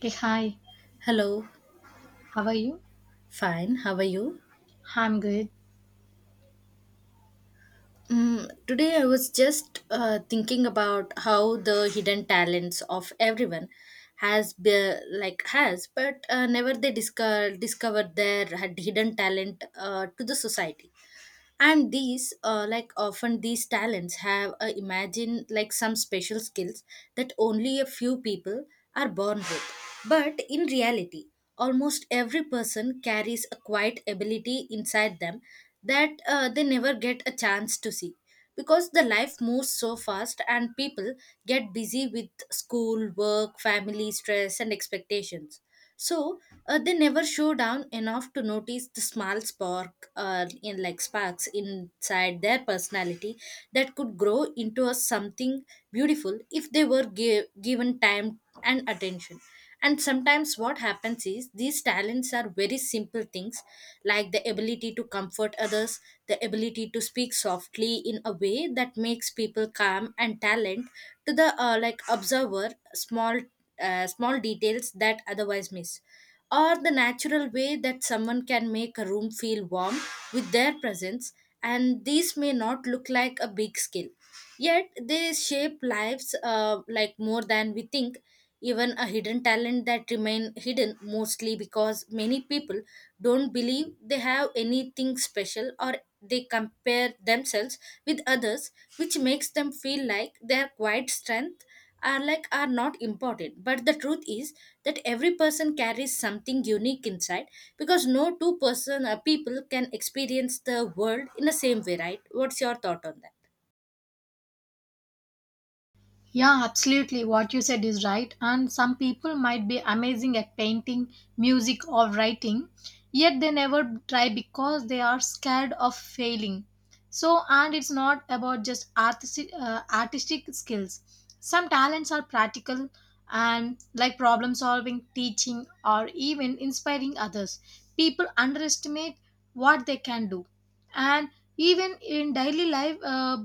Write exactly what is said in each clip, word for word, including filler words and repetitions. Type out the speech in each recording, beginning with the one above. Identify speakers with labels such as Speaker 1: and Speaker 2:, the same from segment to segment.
Speaker 1: Hey, hi,
Speaker 2: Hello,
Speaker 1: how are you?
Speaker 2: fine. How are you?
Speaker 1: I'm good.
Speaker 2: Mm, today I was just uh, thinking about how the hidden talents of everyone has be, like has, but uh, never they discover discovered their had hidden talent uh, to the society. And these uh, like often these talents have a imagine like some special skills that only a few people are born with. But in reality, almost every person carries a quiet ability inside them that uh, they never get a chance to see, because the life moves so fast and people get busy with school work, family stress and expectations. So uh, they never show down enough to notice the small spark uh, in like sparks inside their personality that could grow into a something beautiful if they were gi- given time and attention. And sometimes what happens is these talents are very simple things, like the ability to comfort others, the ability to speak softly in a way that makes people calm, and talent to the uh, like observer small uh, small details that otherwise miss, or the natural way that someone can make a room feel warm with their presence. And these may not look like a big skill, yet they shape lives uh, like more than we think. Even a hidden talent that remain hidden mostly because many people don't believe they have anything special, or they compare themselves with others, which makes them feel like their quiet strength are like are not important. But the truth is that every person carries something unique inside, because no two person uh, people can experience the world in the same way. Right, what's your thought on that?
Speaker 1: Yeah, absolutely. What you said is right. And some people might be amazing at painting, music, or writing, yet they never try because they are scared of failing. So, and it's not about just artistic, uh, artistic skills. Some talents are practical and like problem solving, teaching, or even inspiring others. People underestimate what they can do. And even in daily life, uh,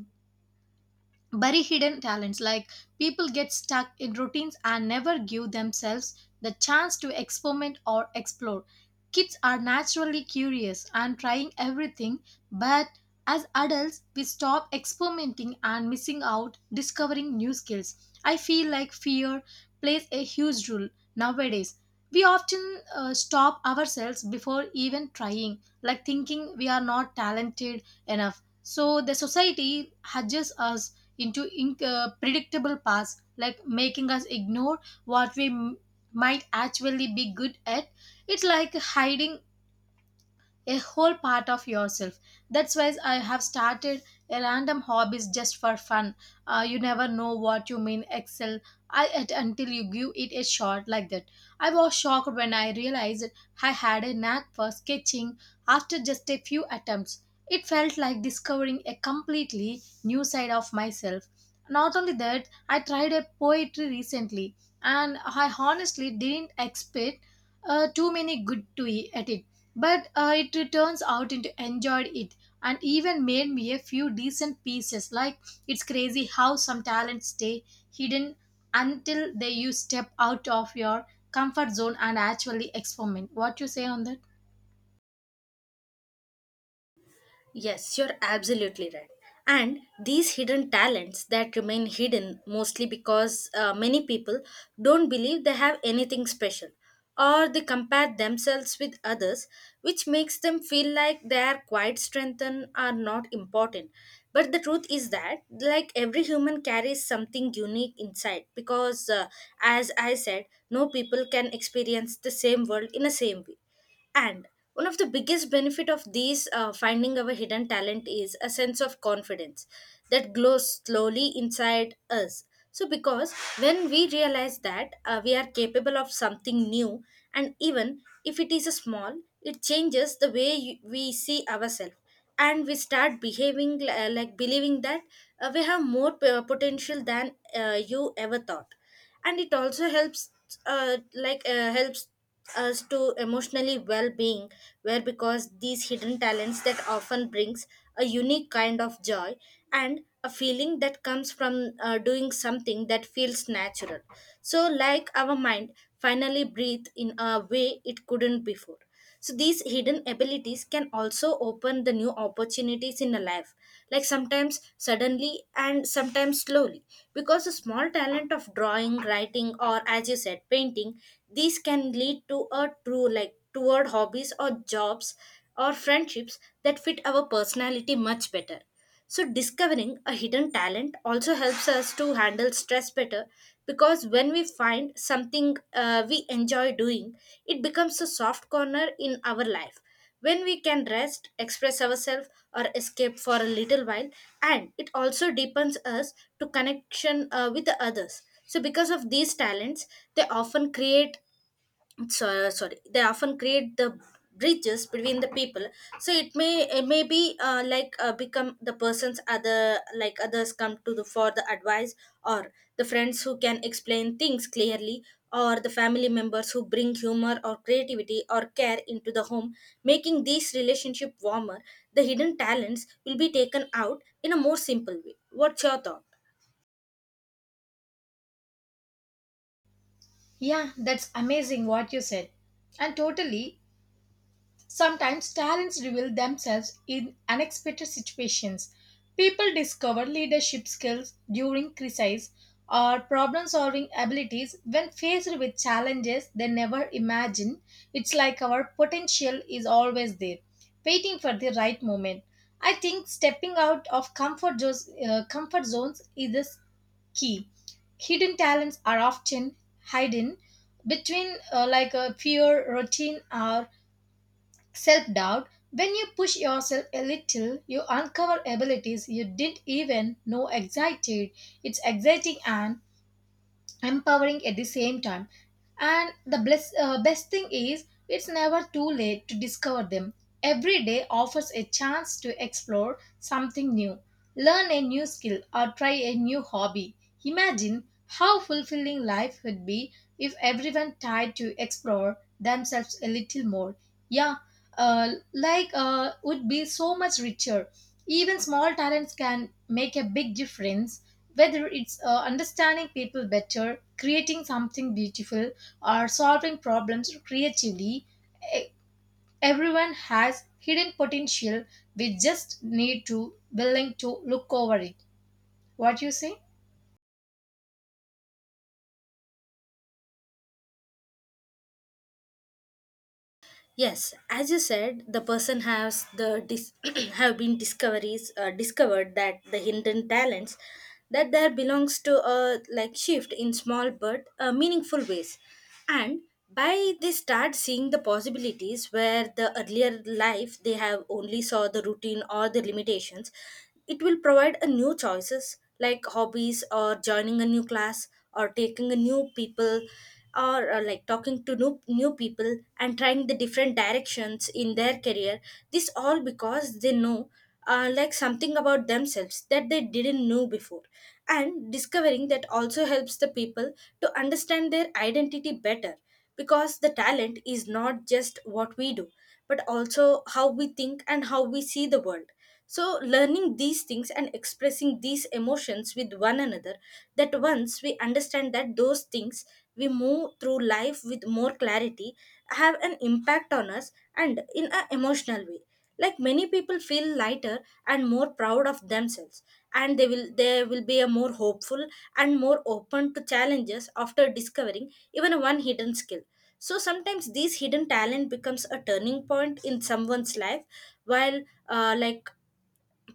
Speaker 1: bury hidden talents like people get stuck in routines and never give themselves the chance to experiment or explore. Kids are naturally curious and trying everything, but as adults we stop experimenting and missing out discovering new skills. I feel like fear plays a huge role nowadays. We often uh, stop ourselves before even trying, like thinking we are not talented enough, so the society judges us into in- uh, predictable paths, like making us ignore what we m- might actually be good at. It's like hiding a whole part of yourself. That's why I have started a random hobbies just for fun. Uh, you never know what you mean excel I, at, until you give it a shot like that. I was shocked when I realized I had a knack for sketching after just a few attempts. It felt like discovering a completely new side of myself. Not only that, I tried a poetry recently, and I honestly didn't expect uh, too many good to e- at it, but uh, it turns out into enjoyed it and even made me a few decent pieces. Like, it's crazy how some talents stay hidden until they you step out of your comfort zone and actually experiment. What you say on that?
Speaker 2: Yes, you're absolutely right. And these hidden talents that remain hidden mostly because uh, many people don't believe they have anything special, or they compare themselves with others, which makes them feel like their quiet strength and are not important. But the truth is that, like every human carries something unique inside, because uh, as I said, no people can experience the same world in the same way. And one of the biggest benefit of these uh, finding our hidden talent is a sense of confidence that glows slowly inside us. So because when we realize that uh, we are capable of something new, and even if it is a small, it changes the way you, we see ourselves, and we start behaving li- uh, like believing that uh, we have more p- potential than uh, you ever thought. And it also helps uh, like uh, helps us to emotionally well-being, where because these hidden talents that often brings a unique kind of joy and a feeling that comes from uh, doing something that feels natural. So like our mind finally breathe in a way it couldn't before. So these hidden abilities can also open the new opportunities in a life, like sometimes suddenly and sometimes slowly. Because a small talent of drawing, writing, or as you said, painting, these can lead to a true like toward hobbies or jobs or friendships that fit our personality much better. So, discovering a hidden talent also helps us to handle stress better, because when we find something uh, we enjoy doing, it becomes a soft corner in our life. When we can rest, express ourselves, or escape for a little while, and it also deepens us to connection uh, with the others. So, because of these talents, they often create so, sorry they often create the bridges between the people. So it may it may be uh, like uh, become the person's other like others come to the for the advice, or the friends who can explain things clearly, or the family members who bring humor or creativity or care into the home, making these relationship warmer. The hidden talents will be taken out in a more simple way. What's your thought?
Speaker 1: Yeah, that's amazing what you said. And totally, sometimes talents reveal themselves in unexpected situations. People discover leadership skills during crises or problem solving abilities when faced with challenges they never imagined. It's like our potential is always there, waiting for the right moment. I think stepping out of comfort zones, uh, comfort zones is the key. Hidden talents are often hidden between uh, like a fear, routine, or self doubt. When you push yourself a little, you uncover abilities you didn't even know existed. It's exciting and empowering at the same time. And the bless, uh, best thing is, it's never too late to discover them. Every day offers a chance to explore something new, learn a new skill, or try a new hobby. Imagine how fulfilling life would be if everyone tried to explore themselves a little more. Yeah, uh, like uh, would be so much richer. Even small talents can make a big difference, whether it's uh, understanding people better, creating something beautiful, or solving problems creatively. e- Everyone has hidden potential. We just need to willing to look over it. What you say?
Speaker 2: Yes, as you said, the person has the dis- have been discoveries uh, discovered that the hidden talents that there belongs to a like shift in small but uh, meaningful ways, and by they start seeing the possibilities where the earlier life they have only saw the routine or the limitations. It will provide a new choices like hobbies or joining a new class or taking a new people or uh, like talking to new new people and trying the different directions in their career. This all because they know uh, like something about themselves that they didn't know before. And discovering that also helps the people to understand their identity better, because the talent is not just what we do, but also how we think and how we see the world. So learning these things and expressing these emotions with one another, that once we understand that those things, we move through life with more clarity, have an impact on us and in an emotional way. Like many people feel lighter and more proud of themselves, and they will they will be a more hopeful and more open to challenges after discovering even one hidden skill. So sometimes these hidden talent becomes a turning point in someone's life, while uh, like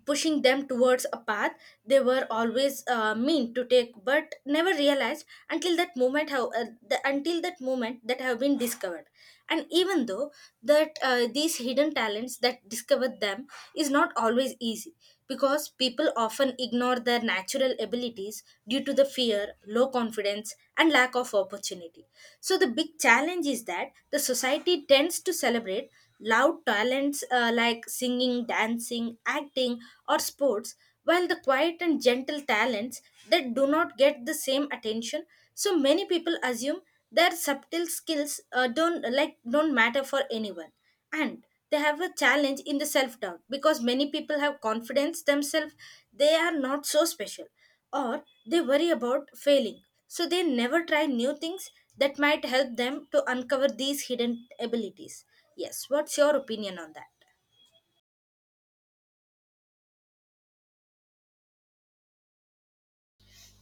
Speaker 2: pushing them towards a path they were always uh, mean to take but never realized until that moment how uh, the, until that moment that have been discovered. And even though that uh, these hidden talents that discover them is not always easy, because people often ignore their natural abilities due to the fear, low confidence and lack of opportunity. So the big challenge is that the society tends to celebrate loud talents uh, like singing, dancing, acting, or sports, while the quiet and gentle talents that do not get the same attention. So many people assume their subtle skills uh, don't like don't matter for anyone, and they have a challenge in the self doubt, because many people have confidence themselves they are not so special, or they worry about failing, so they never try new things that might help them to uncover these hidden abilities. Yes, what's your opinion on that?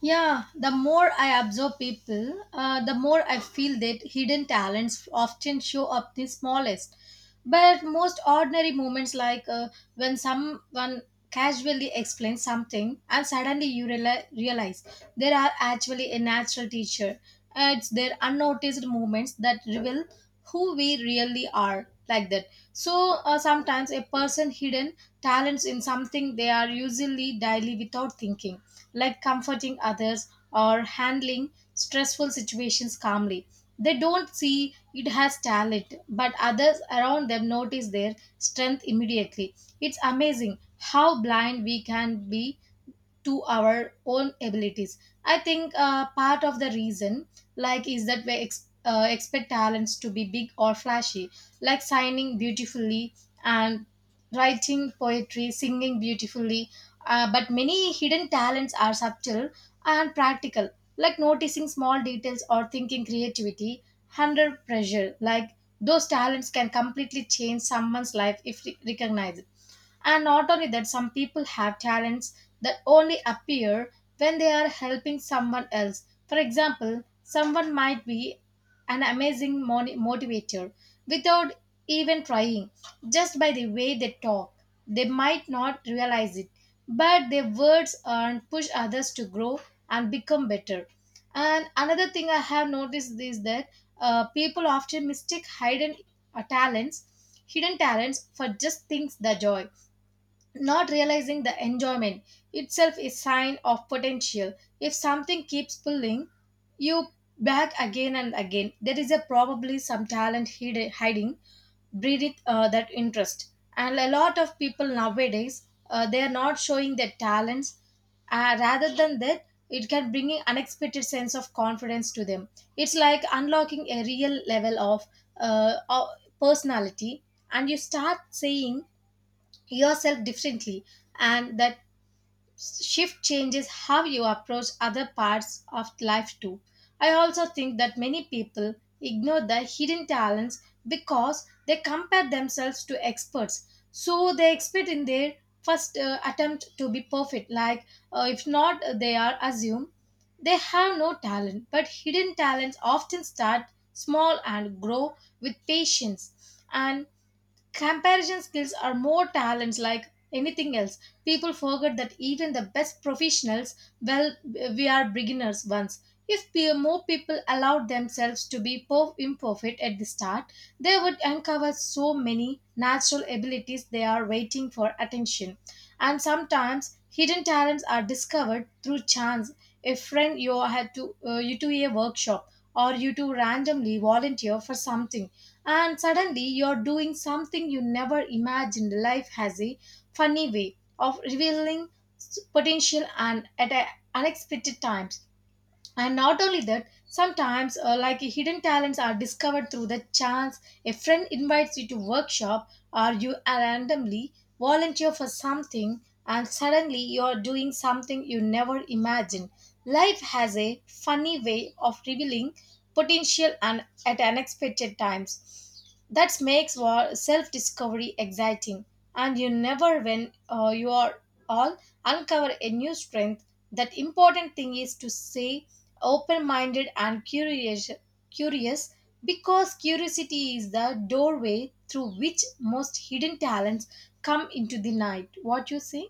Speaker 1: Yeah, the more I observe people, uh, the more I feel that hidden talents often show up the smallest, but most ordinary moments, like uh, when someone casually explains something and suddenly you reali- realize there are actually a natural teacher. Uh, It's their unnoticed moments that reveal who we really are, like that. So, uh, sometimes a person hidden talents in something they are usually daily without thinking, like comforting others or handling stressful situations calmly. They don't see it has talent, but others around them notice their strength immediately. It's amazing how blind we can be to our own abilities. I think uh, part of the reason like is that we ex- uh, expect talents to be big or flashy, like signing beautifully and writing poetry, singing beautifully, uh, but many hidden talents are subtle and practical, like noticing small details or thinking creativity under pressure. Like, those talents can completely change someone's life if re- recognized. And not only that, some people have talents that only appear when they are helping someone else. For example, someone might be an amazing moni- motivator without even trying, just by the way they talk. They might not realize it, but their words and push others to grow and become better. And another thing I have noticed is that uh, people often mistake hidden uh, talents, hidden talents for just things that joy, not realizing the enjoyment itself is sign of potential. If something keeps pulling you back again and again, there is a probably some talent hid- hiding breathe uh, that interest. And a lot of people nowadays uh, they are not showing their talents. Uh, rather than that, it can bring in unexpected sense of confidence to them. It's like unlocking a real level of uh, of personality, and you start saying yourself differently, and that shift changes how you approach other parts of life too. I also think that many people ignore their hidden talents because they compare themselves to experts, so they expect in their first uh, attempt to be perfect, like uh, if not they are assumed they have no talent. But hidden talents often start small and grow with patience. And comparison skills are more talents like anything else. People forget that even the best professionals, well, we are beginners once. If pe- more people allowed themselves to be po- imperfect at the start, they would uncover so many natural abilities they are waiting for attention. And sometimes hidden talents are discovered through chance. A friend you had to uh, you to a workshop or you to randomly volunteer for something, and suddenly you're doing something you never imagined. Life has a funny way of revealing s- potential and at a unexpected times. And not only that, sometimes uh, like hidden talents are discovered through the chance, a friend invites you to workshop or you randomly volunteer for something and suddenly you're doing something you never imagined. Life has a funny way of revealing potential and at unexpected times. That makes self discovery exciting, and you never when uh, you are all uncover a new strength. That important thing is to say open minded and curious curious because curiosity is the doorway through which most hidden talents come into the night. What you say?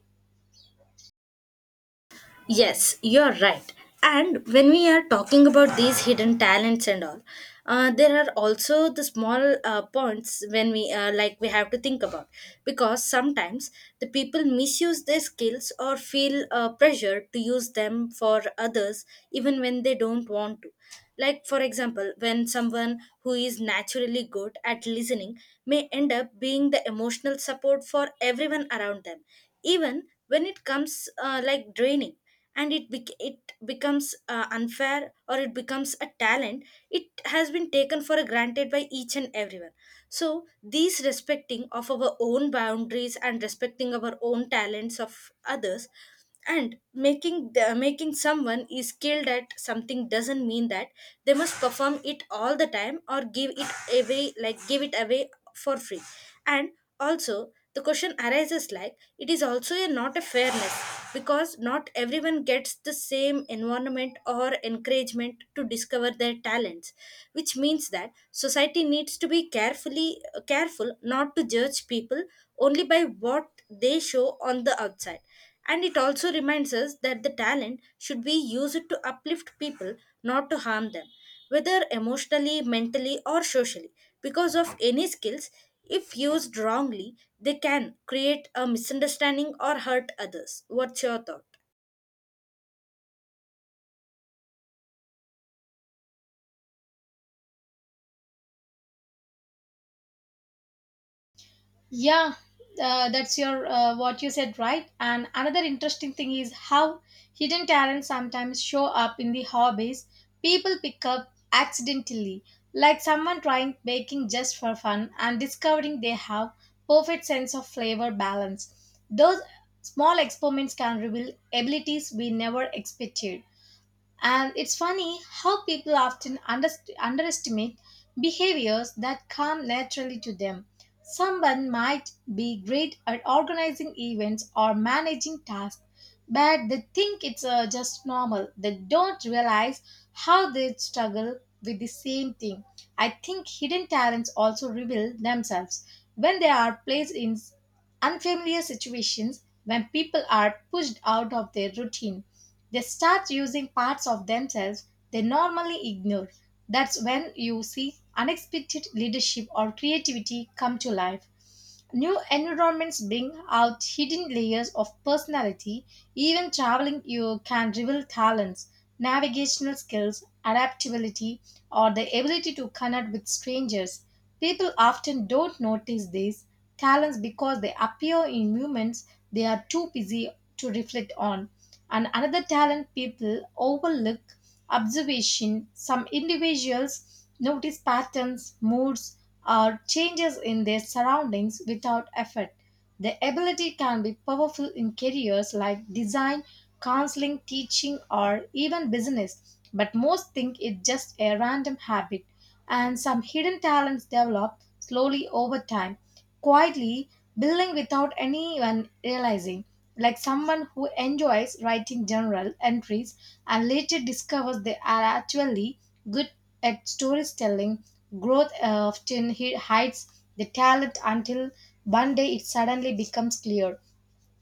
Speaker 2: Yes, you're right. And when we are talking about these hidden talents and all, uh, there are also the small uh, points when we uh, like we have to think about, because sometimes the people misuse their skills or feel uh, pressure to use them for others, even when they don't want to. Like for example, when someone who is naturally good at listening may end up being the emotional support for everyone around them, even when it comes uh, like draining, and it bec- it becomes uh, unfair, or it becomes a talent it has been taken for granted by each and everyone. So these respecting of our own boundaries and respecting our own talents of others, and making the, making someone is skilled at something doesn't mean that they must perform it all the time or give it away, like give it away for free. And also, the question arises like it is also a not a fairness, because not everyone gets the same environment or encouragement to discover their talents, which means that society needs to be carefully careful not to judge people only by what they show on the outside. And it also reminds us that the talent should be used to uplift people, not to harm them, whether emotionally, mentally, or socially. Because of any skills, if used wrongly, they can create a misunderstanding or hurt others. What's your thought?
Speaker 1: Yeah, uh, that's your uh, what you said, right? And another interesting thing is how hidden talents sometimes show up in the hobbies people pick up accidentally, like someone trying baking just for fun and discovering they have perfect sense of flavor balance. Those small experiments can reveal abilities we never expected. And it's funny how people often underst- underestimate behaviors that come naturally to them. Someone might be great at organizing events or managing tasks, but they think it's uh, just normal. They don't realize how they struggle with the same thing. I think hidden talents also reveal themselves when they are placed in unfamiliar situations. When people are pushed out of their routine, they start using parts of themselves they normally ignore. That's when you see unexpected leadership or creativity come to life. New environments bring out hidden layers of personality. Even traveling, you can reveal talents, navigational skills, adaptability, or the ability to connect with strangers. People often don't notice these talents because they appear in moments they are too busy to reflect on. And another talent people overlook, observation. Some individuals notice patterns, moods, or changes in their surroundings without effort. The ability can be powerful in careers like design, counseling, teaching, or even business, but most think it's just a random habit. And some hidden talents develop slowly over time, quietly, building without anyone realizing, like someone who enjoys writing journal entries and later discovers they are actually good at storytelling. Growth often hi- hides the talent until one day it suddenly becomes clear.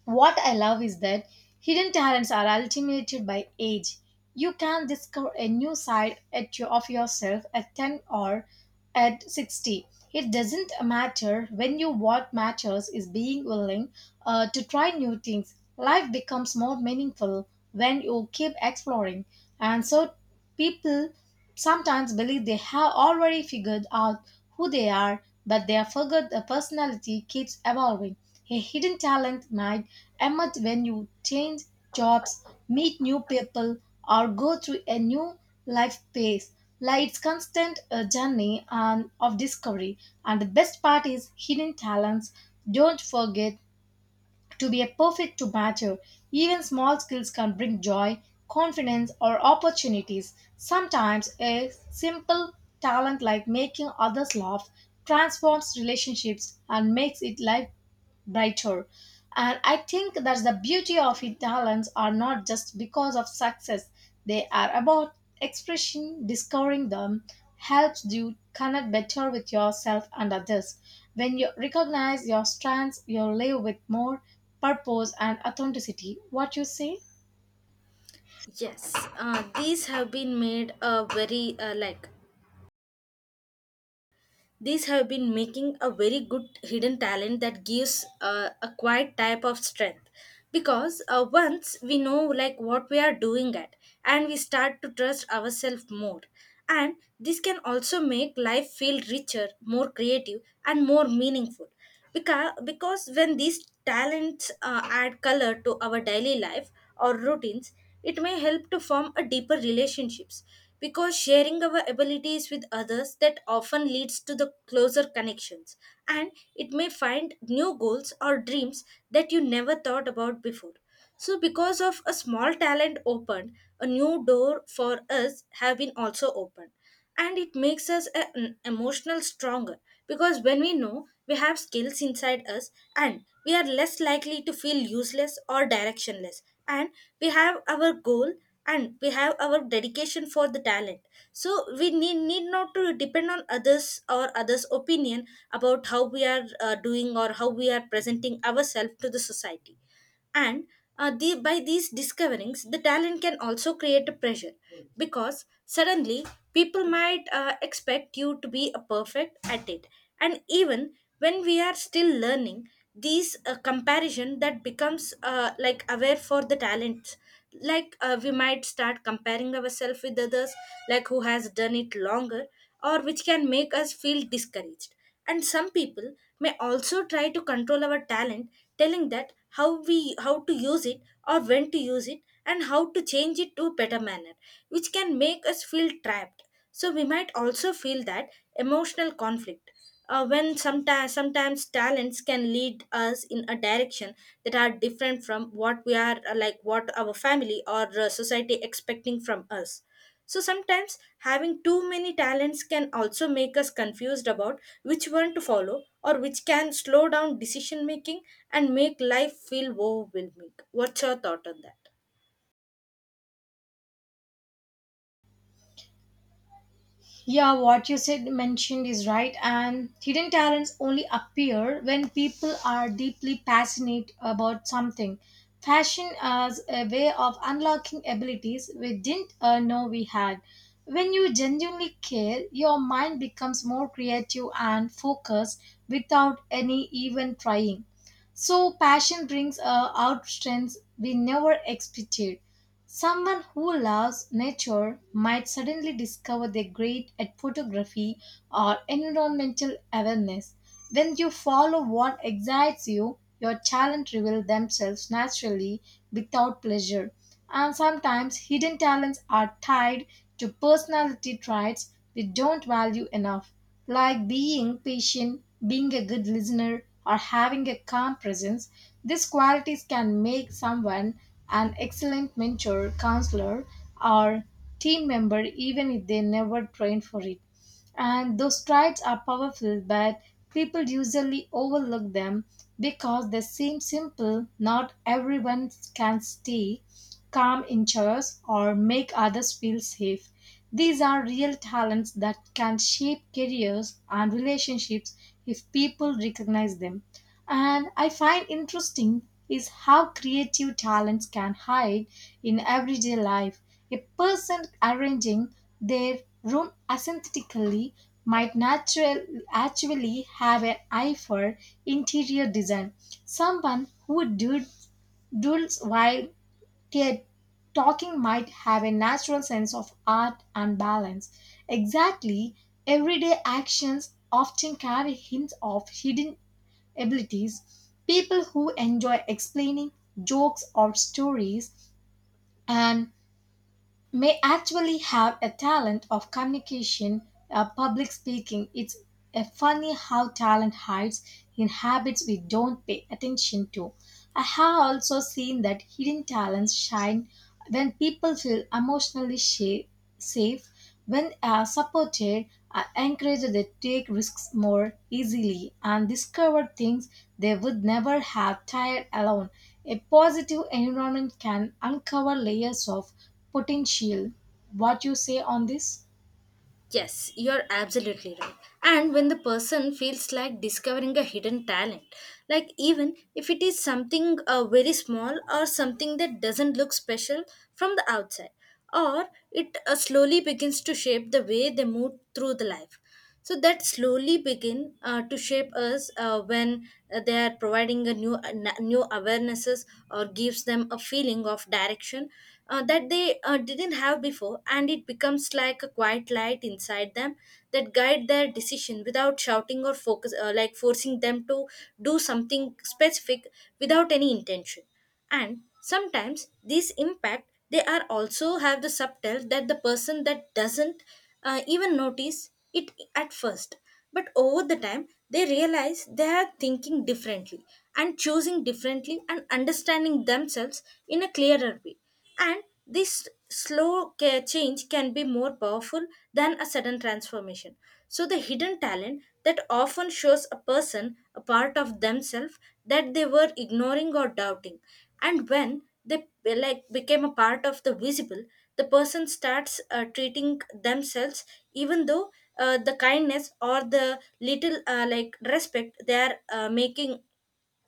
Speaker 1: What I love is that hidden talents are ultimated by age. You can discover a new side at your, of yourself at ten or at sixty. It doesn't matter when you, what matters is being willing uh, to try new things. Life becomes more meaningful when you keep exploring. And so people sometimes believe they have already figured out who they are, but they forget the personality keeps evolving. A hidden talent might emerge when you change jobs, meet new people, or go through a new life phase. Like, it's constant a journey and of discovery. And the best part is hidden talents don't forget to be a perfect to matter. Even small skills can bring joy, confidence, or opportunities. Sometimes a simple talent like making others laugh transforms relationships and makes it life brighter. And I think that's the beauty of it. Talents are not just because of success, they are about expression. Discovering them helps you connect better with yourself and others. When you recognize your strengths, you live with more purpose and authenticity. What you say?
Speaker 2: Yes, uh, these have been made a very uh, like these have been making a very good hidden talent that gives uh, a quiet type of strength, because uh, once we know like what we are doing at, and we start to trust ourselves more, and this can also make life feel richer, more creative and more meaningful. Because, because when these talents uh, add color to our daily life or routines, it may help to form a deeper relationships, because sharing our abilities with others that often leads to the closer connections. And it may find new goals or dreams that you never thought about before. So because of a small talent opened a new door for us have been also opened, and it makes us a- an emotional stronger, because when we know we have skills inside us, and we are less likely to feel useless or directionless. And we have our goal, and we have our dedication for the talent, so we need, need not to depend on others or others opinion about how we are uh, doing, or how we are presenting ourselves to the society. And uh, the, by these discoverings the talent can also create a pressure, because suddenly people might uh, expect you to be a perfect at it. And even when we are still learning, these uh, comparison that becomes uh, like aware for the talents, like uh, we might start comparing ourselves with others, like who has done it longer, or which can make us feel discouraged. And some people may also try to control our talent, telling that how we how to use it or when to use it and how to change it to a better manner, which can make us feel trapped. So we might also feel that emotional conflict. Uh, when sometimes sometimes talents can lead us in a direction that are different from what we are uh, like what our family or uh, society expecting from us. So sometimes having too many talents can also make us confused about which one to follow or which can slow down decision making and make life feel overwhelming. What's your thought on that?
Speaker 1: Yeah, what you said mentioned is right, and hidden talents only appear when people are deeply passionate about something. Fashion as a way of unlocking abilities we didn't uh, know we had. When you genuinely care, your mind becomes more creative and focused without any even trying. So, passion brings uh, out strengths we never expected. Someone who loves nature might suddenly discover they're great at photography or environmental awareness. When you follow what excites you, your talent reveal themselves naturally without pleasure. And sometimes hidden talents are tied to personality traits we don't value enough like being patient, being a good listener, or having a calm presence. These qualities can make someone an excellent mentor, counselor, or team member, even if they never trained for it. And those traits are powerful, but people usually overlook them because they seem simple. Not everyone can stay calm in chairs, or make others feel safe. These are real talents that can shape careers and relationships if people recognize them. And I find interesting is how creative talents can hide in everyday life. A person arranging their room aesthetically might natural, actually have an eye for interior design. Someone who dood- doodles while Yet, talking might have a natural sense of art and balance. Exactly, everyday actions often carry hints of hidden abilities. People who enjoy explaining jokes or stories and may actually have a talent of communication, uh, public speaking. It's a funny how talent hides in habits we don't pay attention to. I have also seen that hidden talents shine when people feel emotionally sha- safe when uh, supported, I encouraged they take risks more easily and discover things they would never have tried alone. A positive environment can uncover layers of potential. What you say on this?
Speaker 2: Yes, you're absolutely right. And when the person feels like discovering a hidden talent, like even if it is something uh, very small or something that doesn't look special from the outside, or it uh, slowly begins to shape the way they move through the life. So that slowly begin uh, to shape us uh, when uh, they are providing a new a na- new awarenesses or gives them a feeling of direction uh, that they uh, didn't have before, and it becomes like a quiet light inside them that guide their decision without shouting or focus uh, like forcing them to do something specific without any intention. And sometimes these impact they are also have the subtle that the person that doesn't uh, even notice it at first, but over the time they realize they are thinking differently and choosing differently and understanding themselves in a clearer way, and this slow ca- change can be more powerful than a sudden transformation. So, the hidden talent that often shows a person a part of themselves that they were ignoring or doubting. And when they be- like became a part of the visible, the person starts uh, treating themselves, even though uh, the kindness or the little uh, like respect they are uh, making,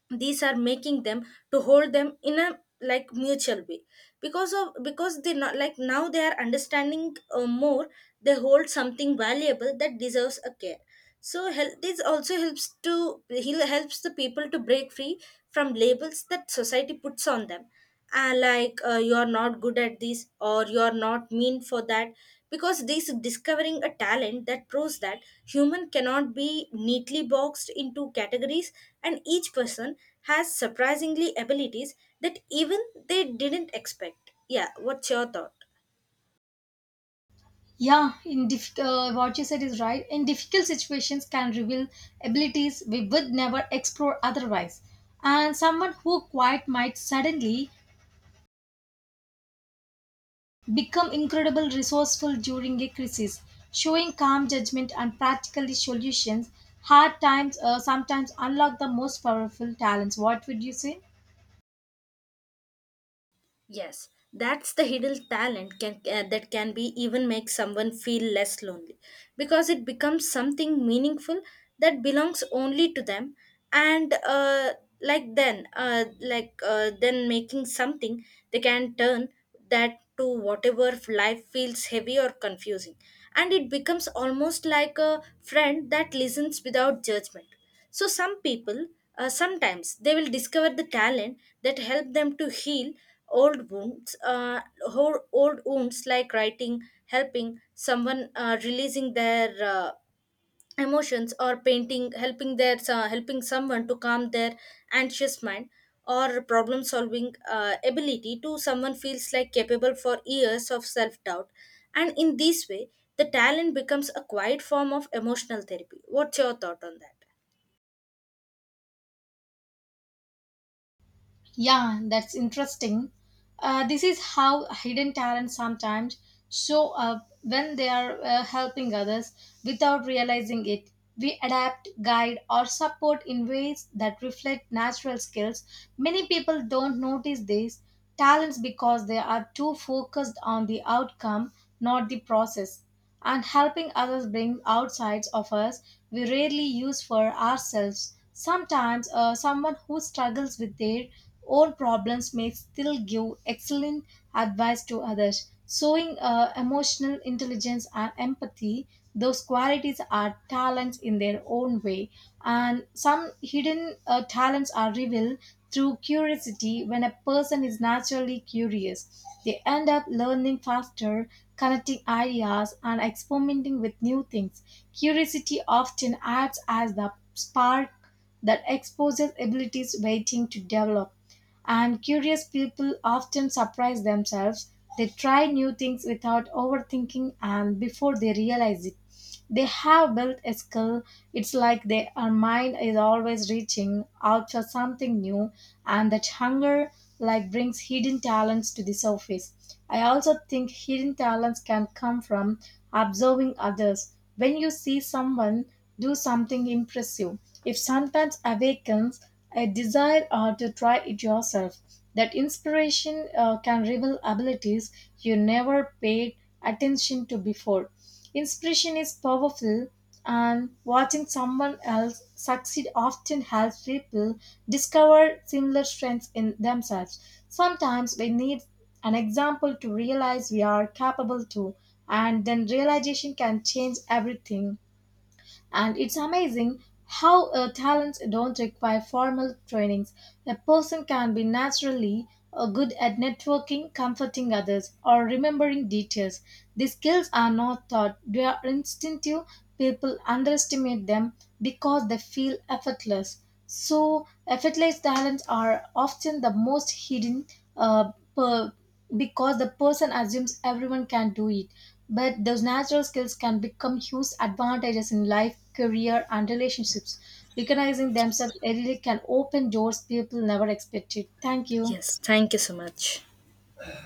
Speaker 2: these are making them to hold them in a like mutual way because of because they not like now they are understanding uh, more, they hold something valuable that deserves a care. So help this also helps to he helps the people to break free from labels that society puts on them, uh, like uh, you are not good at this or you are not mean for that, because this discovering a talent that proves that human cannot be neatly boxed into categories, and each person has surprisingly abilities that even they didn't expect. Yeah, what's your thought?
Speaker 1: Yeah, in diff- uh, what you said is right. In difficult situations, can reveal abilities we would never explore otherwise. And someone who quiet might suddenly become incredibly resourceful during a crisis, showing calm judgment and practical solutions. Hard times uh, sometimes unlock the most powerful talents. What would you say?
Speaker 2: Yes, that's the hidden talent can, uh, that can be even make someone feel less lonely because it becomes something meaningful that belongs only to them, and uh, like then uh, like uh, then making something they can turn that to whatever life feels heavy or confusing, and it becomes almost like a friend that listens without judgment. So some people uh, sometimes they will discover the talent that help them to heal old wounds, uh, ho- old wounds like writing helping someone uh, releasing their uh, emotions, or painting helping their uh, helping someone to calm their anxious mind, or problem solving uh, ability to someone feels like capable for years of self doubt. And in this way the talent becomes a quiet form of emotional therapy. What's your thought on that?
Speaker 1: Yeah, that's interesting. Uh, this is how hidden talents sometimes show up when they are uh, helping others without realizing it. We adapt, guide, or support in ways that reflect natural skills. Many people don't notice these talents because they are too focused on the outcome, not the process, and helping others bring out sides of us we rarely use for ourselves. Sometimes, uh, someone who struggles with their own problems may still give excellent advice to others. Showing uh, emotional intelligence and empathy, those qualities are talents in their own way, and some hidden uh, talents are revealed through curiosity. When a person is naturally curious, they end up learning faster, connecting ideas, and experimenting with new things. Curiosity often acts as the spark that exposes abilities waiting to develop, and curious people often surprise themselves. They try new things without overthinking, and before they realize it, they have built a skill. It's like their mind is always reaching out for something new, and that hunger like brings hidden talents to the surface. I also think hidden talents can come from observing others. When you see someone do something impressive, it sometimes awakens a desire or to try it yourself. That inspiration uh, can reveal abilities you never paid attention to before. Inspiration is powerful, and watching someone else succeed often helps people discover similar strengths in themselves. Sometimes we need an example to realize we are capable to, and then realization can change everything. And it's amazing how uh, talents don't require formal trainings. A person can be naturally uh, good at networking, comforting others, or remembering details. These skills are not taught, they are instinctive. People underestimate them because they feel effortless. So effortless talents are often the most hidden, uh, per- because the person assumes everyone can do it. But those natural skills can become huge advantages in life, career, and relationships. Recognizing themselves early can open doors people never expected. Thank you.
Speaker 2: Yes, thank you so much.